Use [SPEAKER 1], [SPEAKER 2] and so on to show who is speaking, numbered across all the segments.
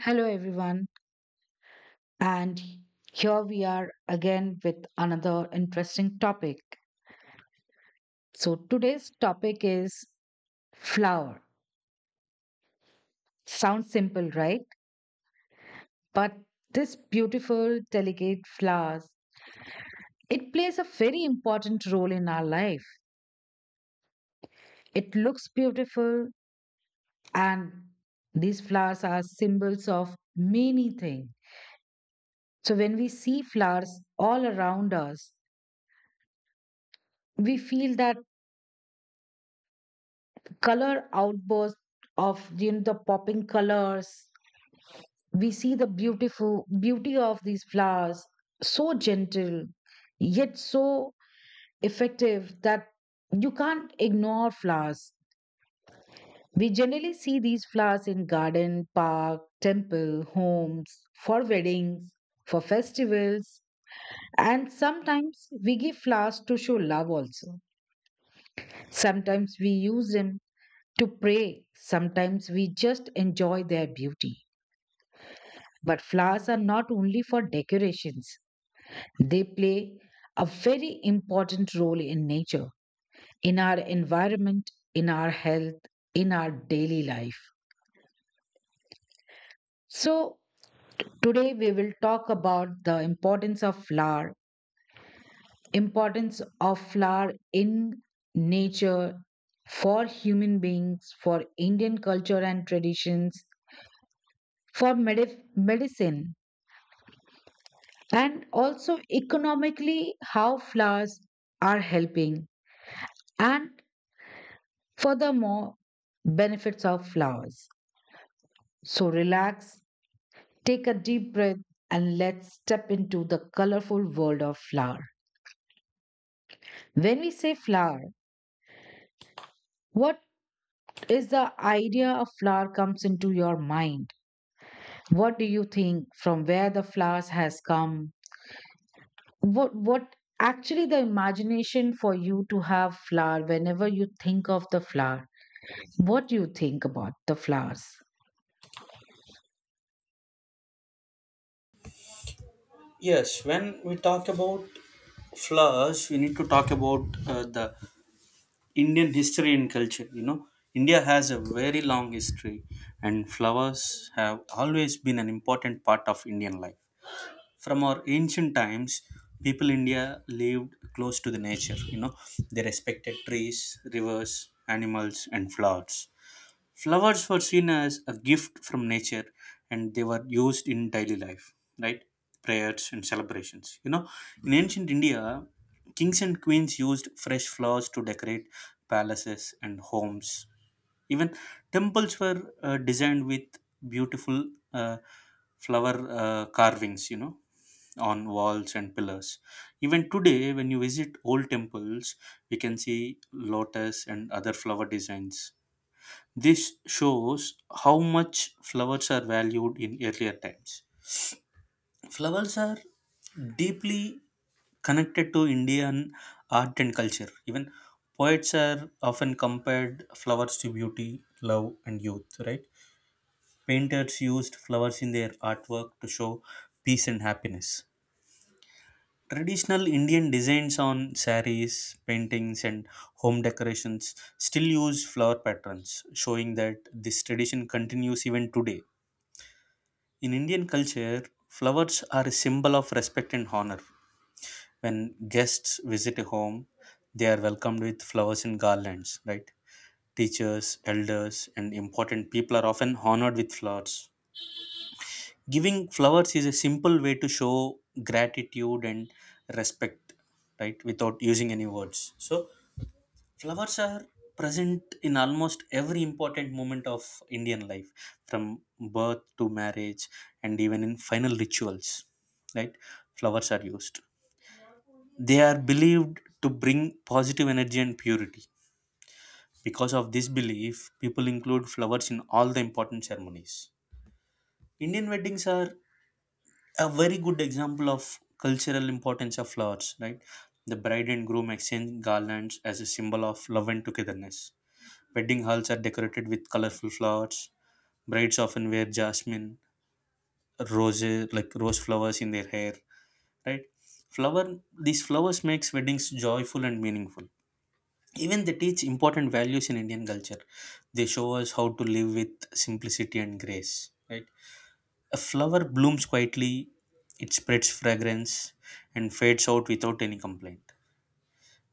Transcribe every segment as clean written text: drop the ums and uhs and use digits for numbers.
[SPEAKER 1] Hello, everyone, and here we are again with another interesting topic. So, today's topic is flower. Sounds simple, right? But this beautiful, delicate flowers, it plays a very important role in our life. It looks beautiful, and these flowers are symbols of many things. So, when we see flowers all around us, we feel that color outburst of the popping colors, we see the beautiful beauty of these flowers, so gentle yet so effective that you can't ignore flowers. We generally see these flowers in garden, park, temple, homes, for weddings, for festivals, and sometimes we give flowers to show love also. Sometimes we use them to pray, sometimes we just enjoy their beauty. But flowers are not only for decorations, they play a very important role in nature, in our environment, in our health, in our daily life. So, today we will talk about the importance of flower in nature, for human beings, for Indian culture and traditions, for medicine, and also economically how flowers are helping, and furthermore, benefits of flowers. So relax, take a deep breath, and let's step into the colorful world of flower. When we say flower, what is the idea of flower comes into your mind? What do you think from where the flowers has come? What actually the imagination for you to have flower whenever you think of the flower? What do you think about the flowers?
[SPEAKER 2] Yes, when we talk about flowers, we need to talk about the Indian history and culture. You know, India has a very long history, and flowers have always been an important part of Indian life. From our ancient times, people in India lived close to the nature. You know, they respected trees, rivers, animals, and flowers. Flowers were seen as a gift from nature and they were used in daily life, right? Prayers and celebrations. You know, in ancient India, kings and queens used fresh flowers to decorate palaces and homes. Even temples were designed with beautiful uh, flower carvings, you know, on walls and pillars. Even today, when you visit old temples, we can see lotus and other flower designs. This shows how much flowers are valued in earlier times. Flowers are deeply connected to Indian art and culture. Even poets are often compared flowers to beauty, love, and youth, right? Painters used flowers in their artwork to show peace and happiness. Traditional Indian designs on saris, paintings, and home decorations still use flower patterns, showing that this tradition continues even today. In Indian culture, flowers are a symbol of respect and honor. When guests visit a home, they are welcomed with flowers and garlands, right? Teachers, elders, and important people are often honored with flowers. Giving flowers is a simple way to show gratitude and respect, right? Without using any words. So, flowers are present in almost every important moment of Indian life, from birth to marriage and even in final rituals. Right? Flowers are used. They are believed to bring positive energy and purity. Because of this belief, people include flowers in all the important ceremonies. Indian weddings are a very good example of cultural importance of flowers, right? The bride and groom exchange garlands as a symbol of love and togetherness. Wedding halls are decorated with colorful flowers. Brides often wear jasmine, roses, like rose flowers in their hair, right? Flower These flowers makes weddings joyful and meaningful. Even they teach important values in Indian culture. They show us how to live with simplicity and grace, right? A flower blooms quietly, it spreads fragrance and fades out without any complaint.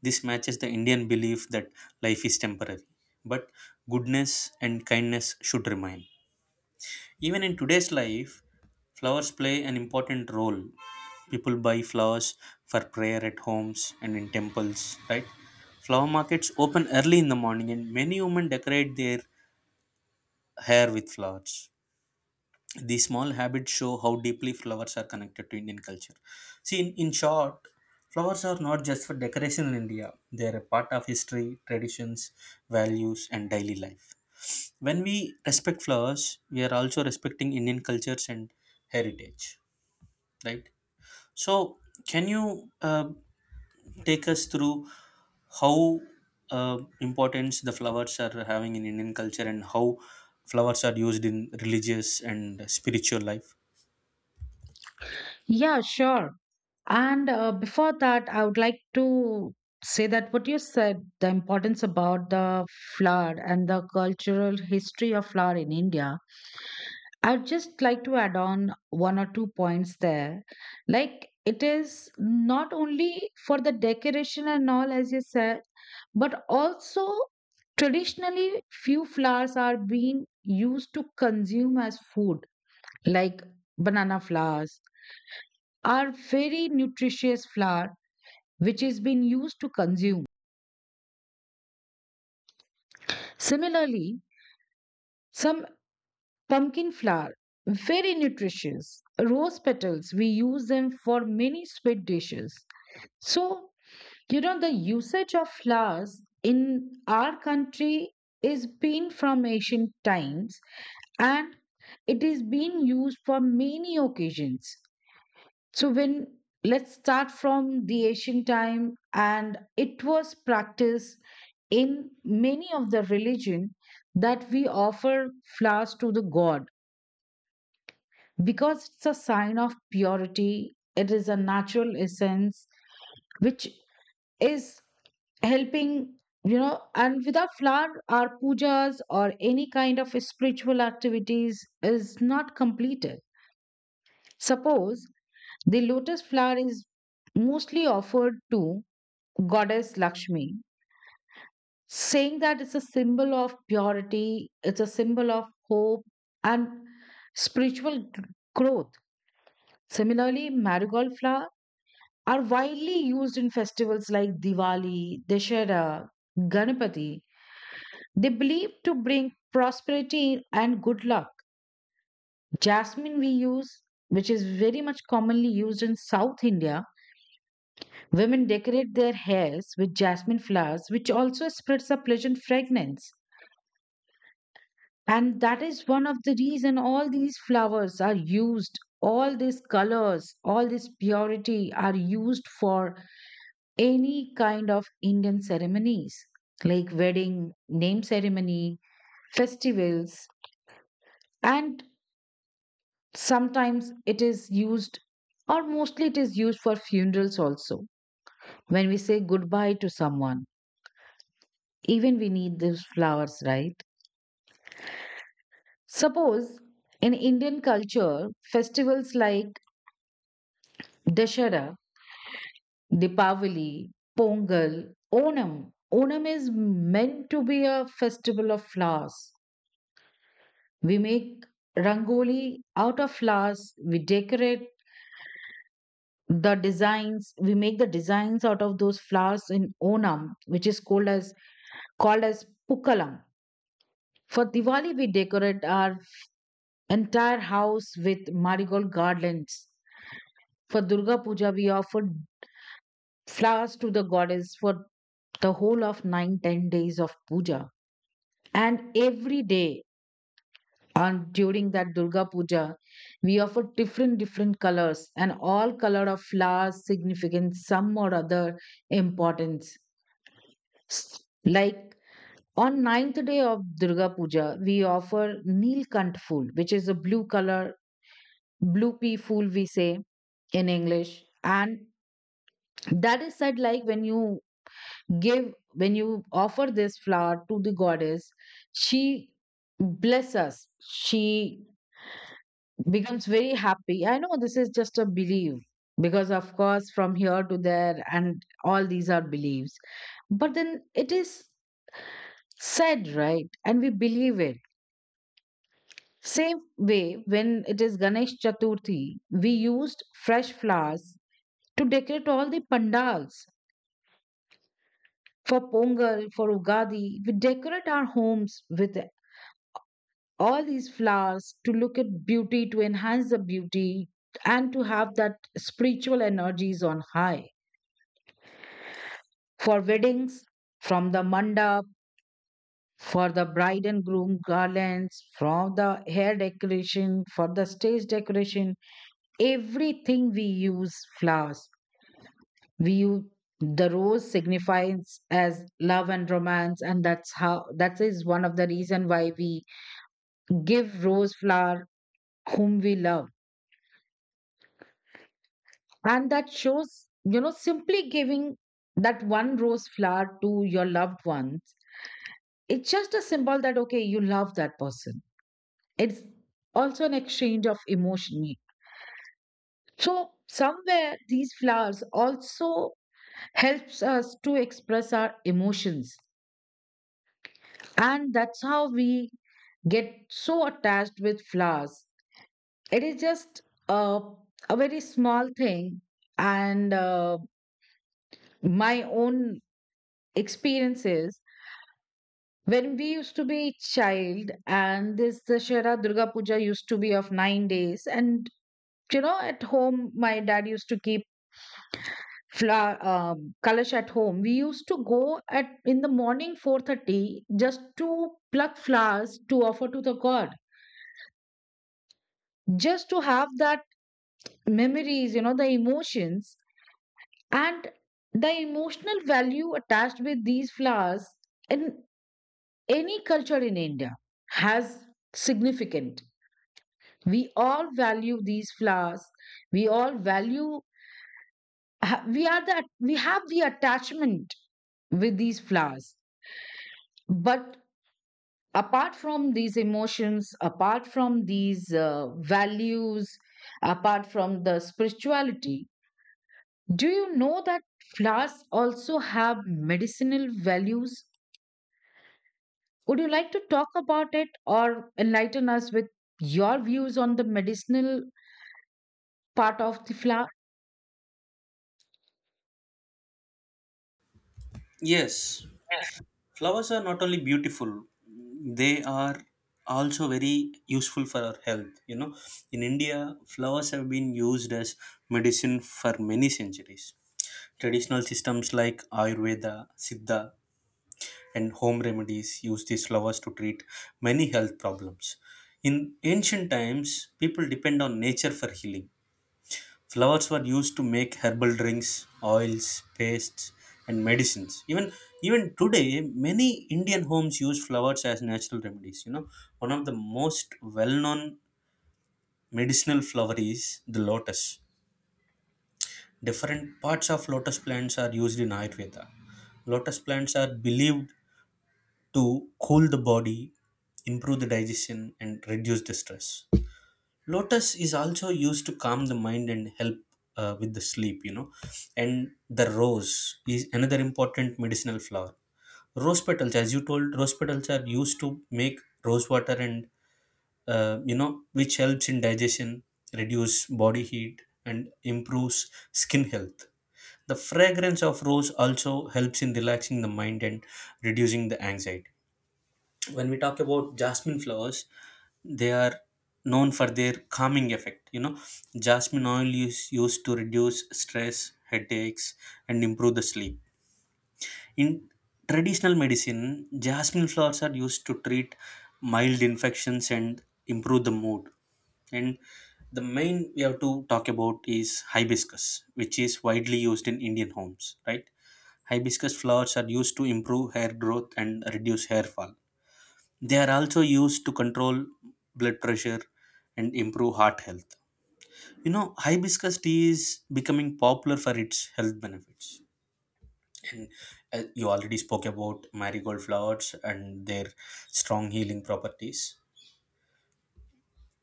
[SPEAKER 2] This matches the Indian belief that life is temporary, but goodness and kindness should remain. Even in today's life, flowers play an important role. People buy flowers for prayer at homes and in temples, right? Flower markets open early in the morning and many women decorate their hair with flowers. These small habits show how deeply flowers are connected to Indian culture. See, in short, flowers are not just for decoration in India, they are a part of history, traditions, values, and daily life. When we respect flowers, we are also respecting Indian cultures and heritage, right? So, can you take us through how importance the flowers are having in Indian culture, and how flowers are used in religious and spiritual life?
[SPEAKER 1] Yeah, sure. And before that, I would like to say that what you said, the importance about the flower and the cultural history of flower in India, I'd just like to add on one or two points there. Like, it is not only for the decoration and all, as you said, but also traditionally, few flowers are being used to consume as food, like banana flowers are very nutritious flour, which is being used to consume. Similarly, some pumpkin flour, very nutritious. Rose petals, we use them for many sweet dishes. So, the usage of flowers in our country is been from ancient times, and it is being used for many occasions. So when, let's start from the ancient time, and it was practiced in many of the religion that we offer flowers to the god, because it's a sign of purity, it is a natural essence which is helping, you know and without flower our pujas or any kind of spiritual activities is not completed. Suppose the lotus flower is mostly offered to goddess Lakshmi, saying that it's a symbol of purity, it's a symbol of hope and spiritual g- growth. Similarly, marigold flower are widely used in festivals like Diwali, Dashera, Ganapati. They believe to bring prosperity and good luck. Jasmine we use, which is very much commonly used in South India. Women decorate their hairs with jasmine flowers, which also spreads a pleasant fragrance. And that is one of the reason all these flowers are used, all these colors, all this purity are used for any kind of Indian ceremonies like wedding, name ceremony, festivals, and sometimes it is used, or mostly it is used for funerals also, when we say goodbye to someone, even we need these flowers, right? Suppose in Indian culture, festivals like Dashera, Deepavali, Pongal, Onam. Onam is meant to be a festival of flowers. We make rangoli out of flowers, we decorate the designs, we make the designs out of those flowers in Onam, which is called as Pukalam. For Diwali, we decorate our entire house with marigold garlands. For Durga Puja, we offer flowers to the goddess for the whole of nine, 10 days of puja. And every day on during that Durga Puja, we offer different different colors, and all color of flowers significant some or other importance. Like on ninth day of Durga Puja, we offer Neelkant fool, which is a blue color, blue pea fool we say in English. And that is said, like when you give, when you offer this flower to the goddess, she bless us. She becomes very happy. I know this is just a belief, because, of course, from here to there, and all these are beliefs. But then it is said, right? And we believe it. Same way, when it is Ganesh Chaturthi, we used fresh flowers to decorate all the pandals, for Pongal, for Ugadi. We decorate our homes with all these flowers to look at beauty, to enhance the beauty, and to have that spiritual energies on high. For weddings, from the mandap, for the bride and groom garlands, from the hair decoration, for the stage decoration, everything we use flowers. We use the rose signifies as love and romance, and that's how that is one of the reason why we give rose flower whom we love, and that shows, simply giving that one rose flower to your loved ones. It's just a symbol that okay, you love that person. It's also an exchange of emotion. So somewhere these flowers also helps us to express our emotions. And that's how we get so attached with flowers. It is just a, a very small thing. And my own experiences, when we used to be child and this Dashera Durga Puja used to be of 9 days, and at home my dad used to keep flower colors at home, we used to go at in the morning 4:30 just to pluck flowers to offer to the god, just to have that memories, the emotions and the emotional value attached with these flowers in any culture in India has significant. We all value these flowers, we all value ha- we are that, we have the attachment with these flowers. But apart from these emotions, apart from these values, apart from the spirituality, do you know that flowers also have medicinal values? Would you like to talk about it or enlighten us with your views on the medicinal part of the flower?
[SPEAKER 2] Yes, flowers are not only beautiful, they are also very useful for our health. You know, in India flowers have been used as medicine for many centuries. Traditional systems like Ayurveda, Siddha, and home remedies use these flowers to treat many health problems. In ancient times, people depend on nature for healing. Flowers were used to make herbal drinks, oils, pastes, and medicines. Even today, many Indian homes use flowers as natural remedies. You know, one of the most well-known medicinal flower is the lotus. Different parts of lotus plants are used in Ayurveda. Lotus plants are believed to cool the body, improve the digestion, and reduce the stress. Lotus is also used to calm the mind and help with the sleep, you know. And the rose is another important medicinal flower. Rose petals, as you told, rose petals are used to make rose water and, you know, which helps in digestion, reduce body heat, and improves skin health. The fragrance of rose also helps in relaxing the mind and reducing the anxiety. When we talk about jasmine flowers, they are known for their calming effect. You know, jasmine oil is used to reduce stress, headaches, and improve the sleep. In traditional medicine, jasmine flowers are used to treat mild infections and improve the mood. And the main we have to talk about is hibiscus, which is widely used in Indian homes, right? Hibiscus flowers are used to improve hair growth and reduce hair fall. They are also used to control blood pressure and improve heart health. You know, hibiscus tea is becoming popular for its health benefits. And you already spoke about marigold flowers and their strong healing properties.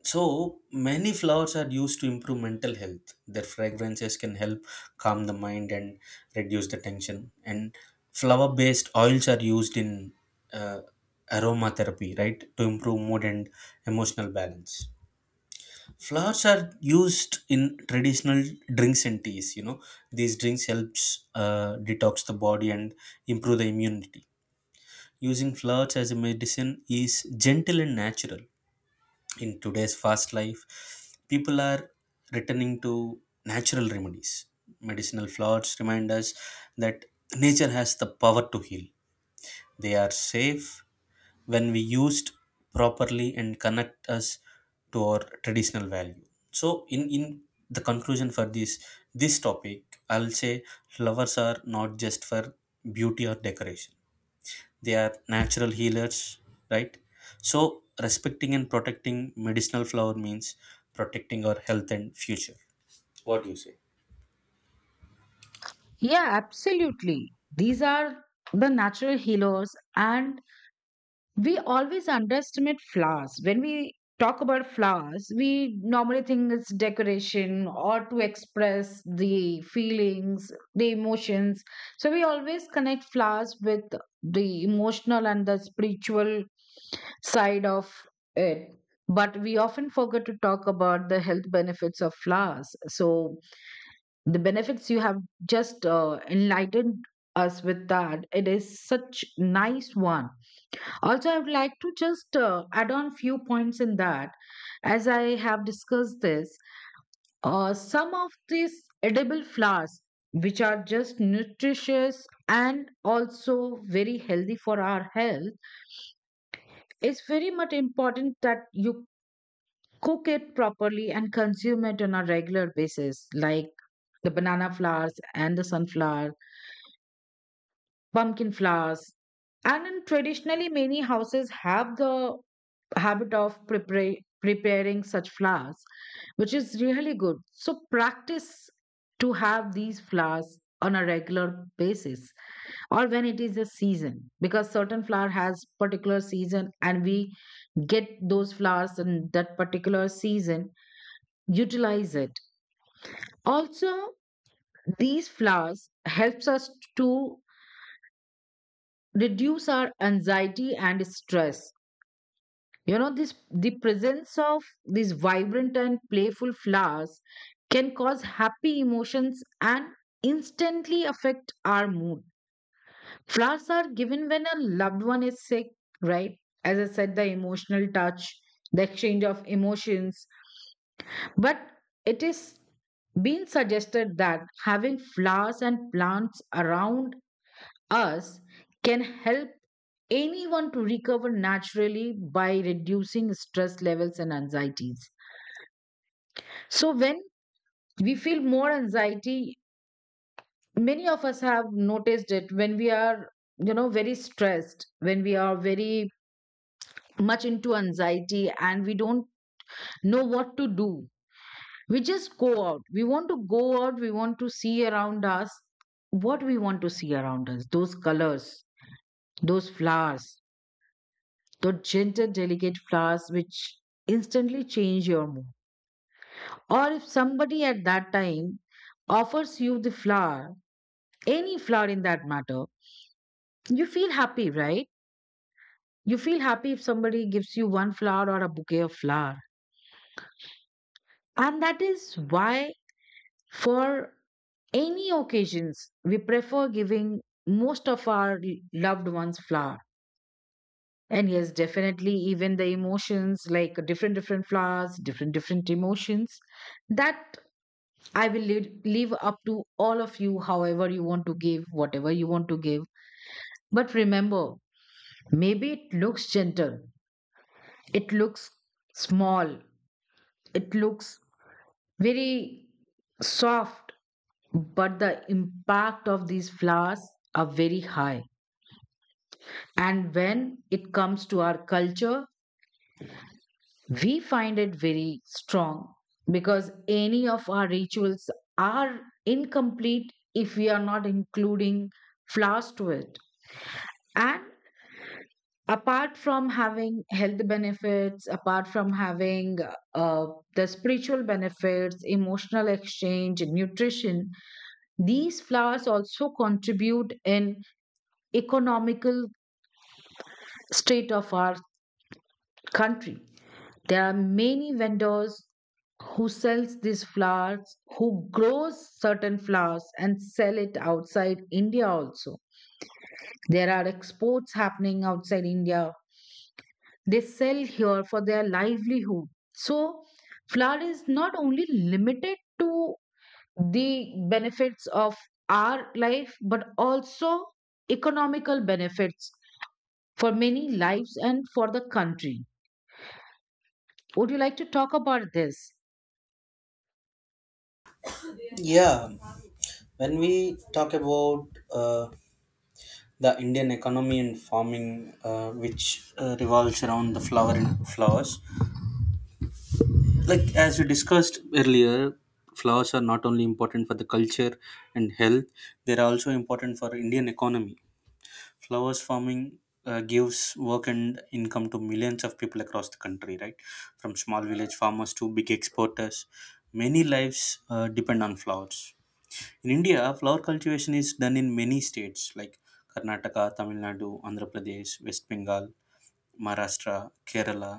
[SPEAKER 2] So many flowers are used to improve mental health. Their fragrances can help calm the mind and reduce the tension. And flower-based oils are used in uh, aromatherapy, right, to improve mood and emotional balance. Flowers are used in traditional drinks and teas. You know, these drinks helps detox the body and improve the immunity. Using flowers as a medicine is gentle and natural. In today's fast life, people are returning to natural remedies. Medicinal flowers remind us that nature has the power to heal. They are safe when we used properly and connect us to our traditional value. So, in the conclusion for this topic, I'll say flowers are not just for beauty or decoration, they are natural healers, right? So, respecting and protecting medicinal flower means protecting our health and future. What do you say?
[SPEAKER 1] Yeah, absolutely, these are the natural healers, and we always underestimate flowers. When we talk about flowers, we normally think it's decoration or to express the feelings, the emotions. So we always connect flowers with the emotional and the spiritual side of it. But we often forget to talk about the health benefits of flowers. So, the benefits you have just enlightened us with, that it is such nice one. Also, I would like to just add on few points in that. As I have discussed this, some of these edible flowers, which are just nutritious and also very healthy for our health, it's very much important that you cook it properly and consume it on a regular basis, like the banana flowers and the sunflower, pumpkin flowers. And in traditionally, many houses have the habit of preparing such flowers, which is really good. So practice to have these flowers on a regular basis, or when it is a season, because certain flower has particular season and we get those flowers in that particular season. Utilize it. Also, these flowers helps us to reduce our anxiety and stress. This the presence of these vibrant and playful flowers can cause happy emotions and instantly affect our mood. Flowers are given when a loved one is sick, right? As I said, the emotional touch, the exchange of emotions. But it is being suggested that having flowers and plants around us can help anyone to recover naturally by reducing stress levels and anxieties. So, when we feel more anxiety, many of us have noticed it, when we are, very stressed, when we are very much into anxiety and we don't know what to do. We just go out. We want to go out, we want to see around us, what we want to see around us, those colors, those flowers, those gentle, delicate flowers which instantly change your mood. Or if somebody at that time offers you the flower, any flower in that matter, you feel happy, right? You feel happy if somebody gives you one flower or a bouquet of flower. And that is why, for any occasions, we prefer giving most of our loved ones flower. And yes, definitely, even the emotions like different, different flowers, different, different emotions, that I will leave up to all of you, however you want to give, whatever you want to give. But remember, maybe it looks gentle, it looks small, it looks very soft, but the impact of these flowers are very high. And when it comes to our culture, we find it very strong, because any of our rituals are incomplete if we are not including flowers to it. And apart from having health benefits, apart from having uh, the spiritual benefits, emotional exchange, nutrition, these flowers also contribute in economical state of our country. There are many vendors who sells these flowers, who grows certain flowers and sell it outside India also. There are exports happening outside India. They sell here for their livelihood. So flower is not only limited to the benefits of our life, but also economical benefits for many lives and for the country. Would you like to talk about this?
[SPEAKER 2] Yeah, when we talk about the Indian economy and farming, which revolves around the flower and flowers, like as we discussed earlier, flowers are not only important for the culture and health; they are also important for Indian economy. Flowers farming gives work and income to millions of people across the country, right? From small village farmers to big exporters, many lives depend on flowers. In India, flower cultivation is done in many states like Karnataka, Tamil Nadu, Andhra Pradesh, West Bengal, Maharashtra, Kerala.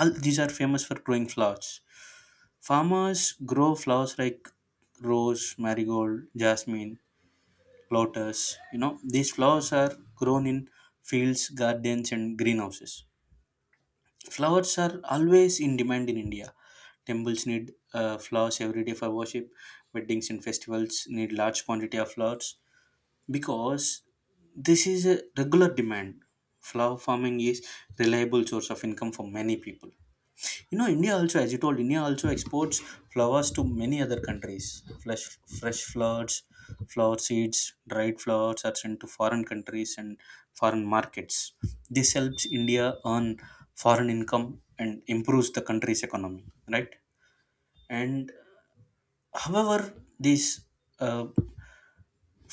[SPEAKER 2] All these are famous for growing flowers. Farmers grow flowers like rose, marigold, jasmine, plotters. You know, these flowers are grown in fields, gardens, and greenhouses. Flowers are always in demand in India. Temples need flowers every day for worship. Weddings and festivals need large quantity of flowers, because this is a regular demand. Flower farming is reliable source of income for many people. You know, India also, as you told, India also exports flowers to many other countries. Fresh flowers, flower seeds, dried flowers are sent to foreign countries and foreign markets. This helps India earn foreign income and improves the country's economy, right? And however, these uh,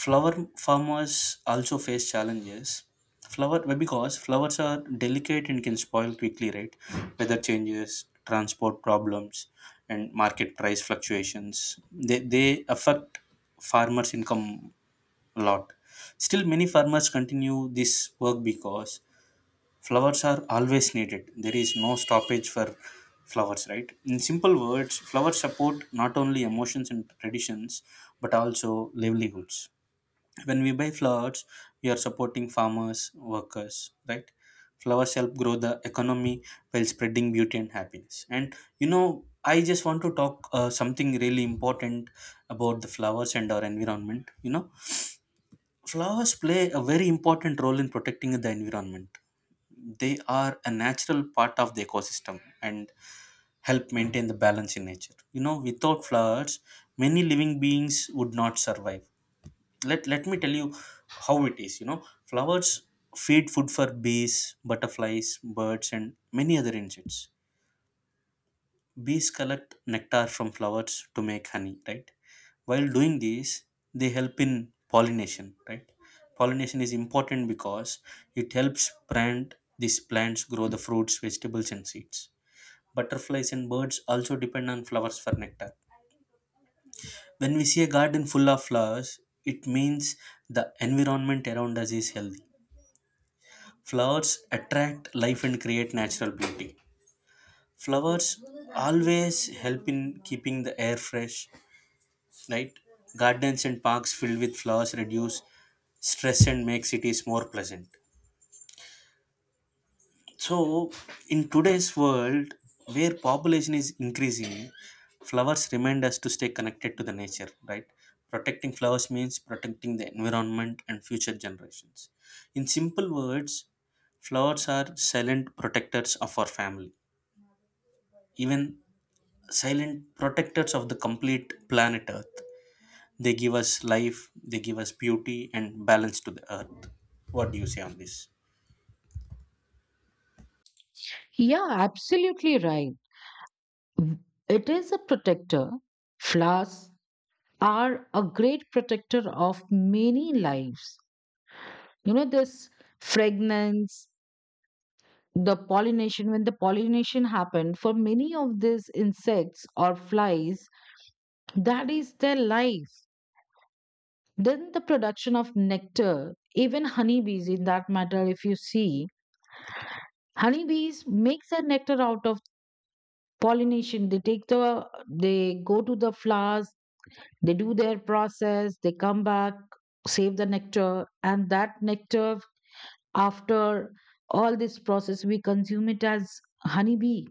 [SPEAKER 2] flower farmers also face challenges. Because flowers are delicate and can spoil quickly, right? Weather changes, transport problems, and market price fluctuations, they affect farmers income a lot. Still many farmers continue this work because flowers are always needed. There is no stoppage for flowers, right? In simple words, flowers support not only emotions and traditions but also livelihoods. When we buy flowers, we are supporting farmers, workers, right? Flowers help grow the economy while spreading beauty and happiness. And you know, I just want to talk something really important about the flowers and our environment. You know, flowers play a very important role in protecting the environment. They are a natural part of the ecosystem and help maintain the balance in nature. You know, without flowers many living beings would not survive. Let me tell you how it is. You know, flowers feed food for bees, butterflies, birds, and many other insects. Bees collect nectar from flowers to make honey, right? While doing this, they help in pollination, right? Pollination is important because it helps plant these plants grow the fruits, vegetables, and seeds. Butterflies and birds also depend on flowers for nectar. When we see a garden full of flowers, it means the environment around us is healthy. Flowers attract life and create natural beauty. Flowers always help in keeping the air fresh, right? Gardens and parks filled with flowers reduce stress and make cities more pleasant. So, in today's world where population is increasing, flowers remind us to stay connected to the nature, right? Protecting flowers means protecting the environment and future generations. In simple words, flowers are silent protectors of our family, even silent protectors of the complete planet Earth. They give us life, they give us beauty and balance to the Earth. What do you say on this?
[SPEAKER 1] Yeah, absolutely right. It is a protector. Flowers are a great protector of many lives. This fragrance, the pollination, when the pollination happened for many of these insects or flies, that is their life. Then the production of nectar, even honeybees in that matter, if you see, honeybees makes their nectar out of pollination. They go to the flowers, they do their process, they come back, save the nectar, and that nectar, after all this process, we consume it as honeybee.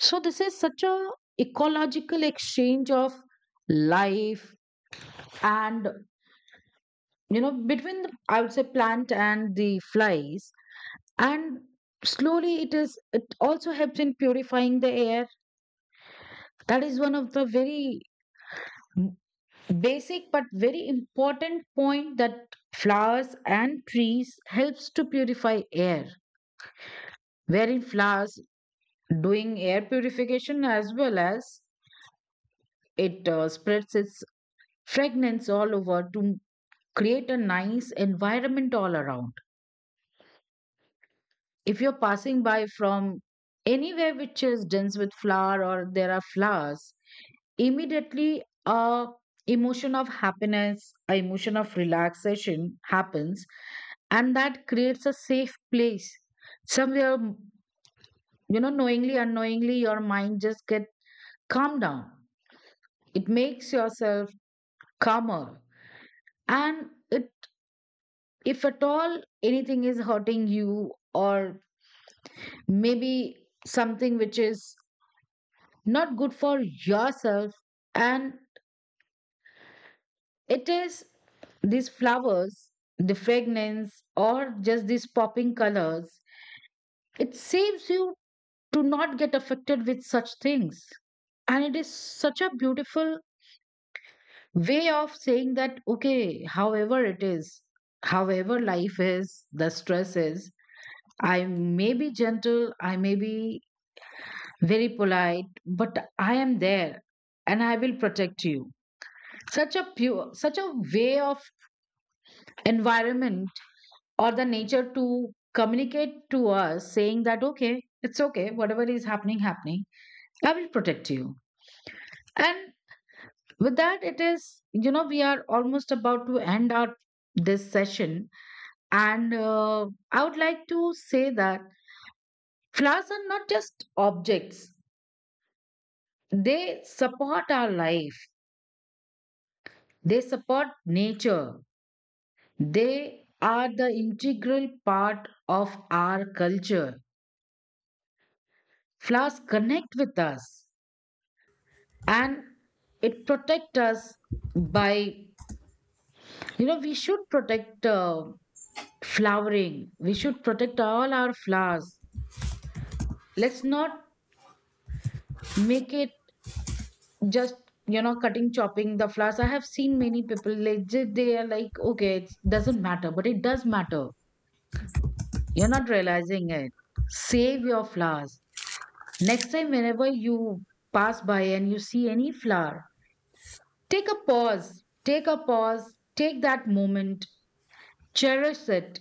[SPEAKER 1] So this is such a ecological exchange of life, and between the, I would say plant and the flies, and slowly it is, it also helps in purifying the air. That is one of the very basic but very important point, that flowers and trees helps to purify air, wherein flowers doing air purification, as well as it spreads its fragrance all over to create a nice environment all around. If you're passing by from anywhere which is dense with flower, or there are flowers, immediately a emotion of happiness, a emotion of relaxation happens, and that creates a safe place. Somewhere, knowingly unknowingly your mind just get calm down. It makes yourself calmer. And it, if at all anything is hurting you, or maybe something which is not good for yourself, and it is these flowers, the fragrance or just these popping colors, it saves you to not get affected with such things. And it is such a beautiful way of saying that okay, however it is, however life is, the stress is, I may be gentle, I may be very polite, but I am there, and I will protect you. Such a pure, such a way of environment or the nature to communicate to us, saying that okay, it's okay, whatever is happening happening, I will protect you. And with that, it is, we are almost about to end our this session. And I would like to say that flowers are not just objects, they support our life, they support nature, they are the integral part of our culture. Flowers connect with us, and it protect us by, we should protect flowering. We should protect all our flowers. Let's not make it just, cutting chopping the flowers. I have seen many people like they are like okay it doesn't matter, but it does matter. You're not realizing it. Save your flowers. Next time, whenever you pass by and you see any flower, take a pause. Take a pause. Take that moment. Cherish it.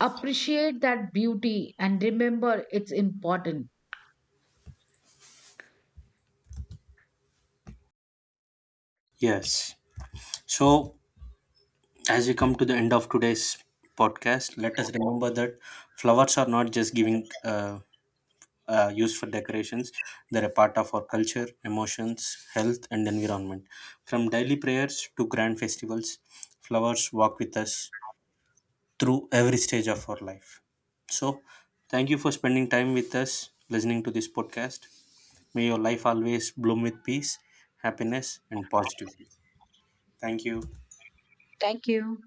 [SPEAKER 1] Appreciate that beauty and remember it's important.
[SPEAKER 2] Yes. So, as we come to the end of today's podcast, let us remember that flowers are not just giving used for decorations, they're a part of our culture, emotions, health, and environment. From daily prayers to grand festivals, flowers walk with us, through every stage of our life. So, thank you for spending time with us, listening to this podcast. May your life always bloom with peace, happiness, and positivity. Thank you.
[SPEAKER 1] Thank you.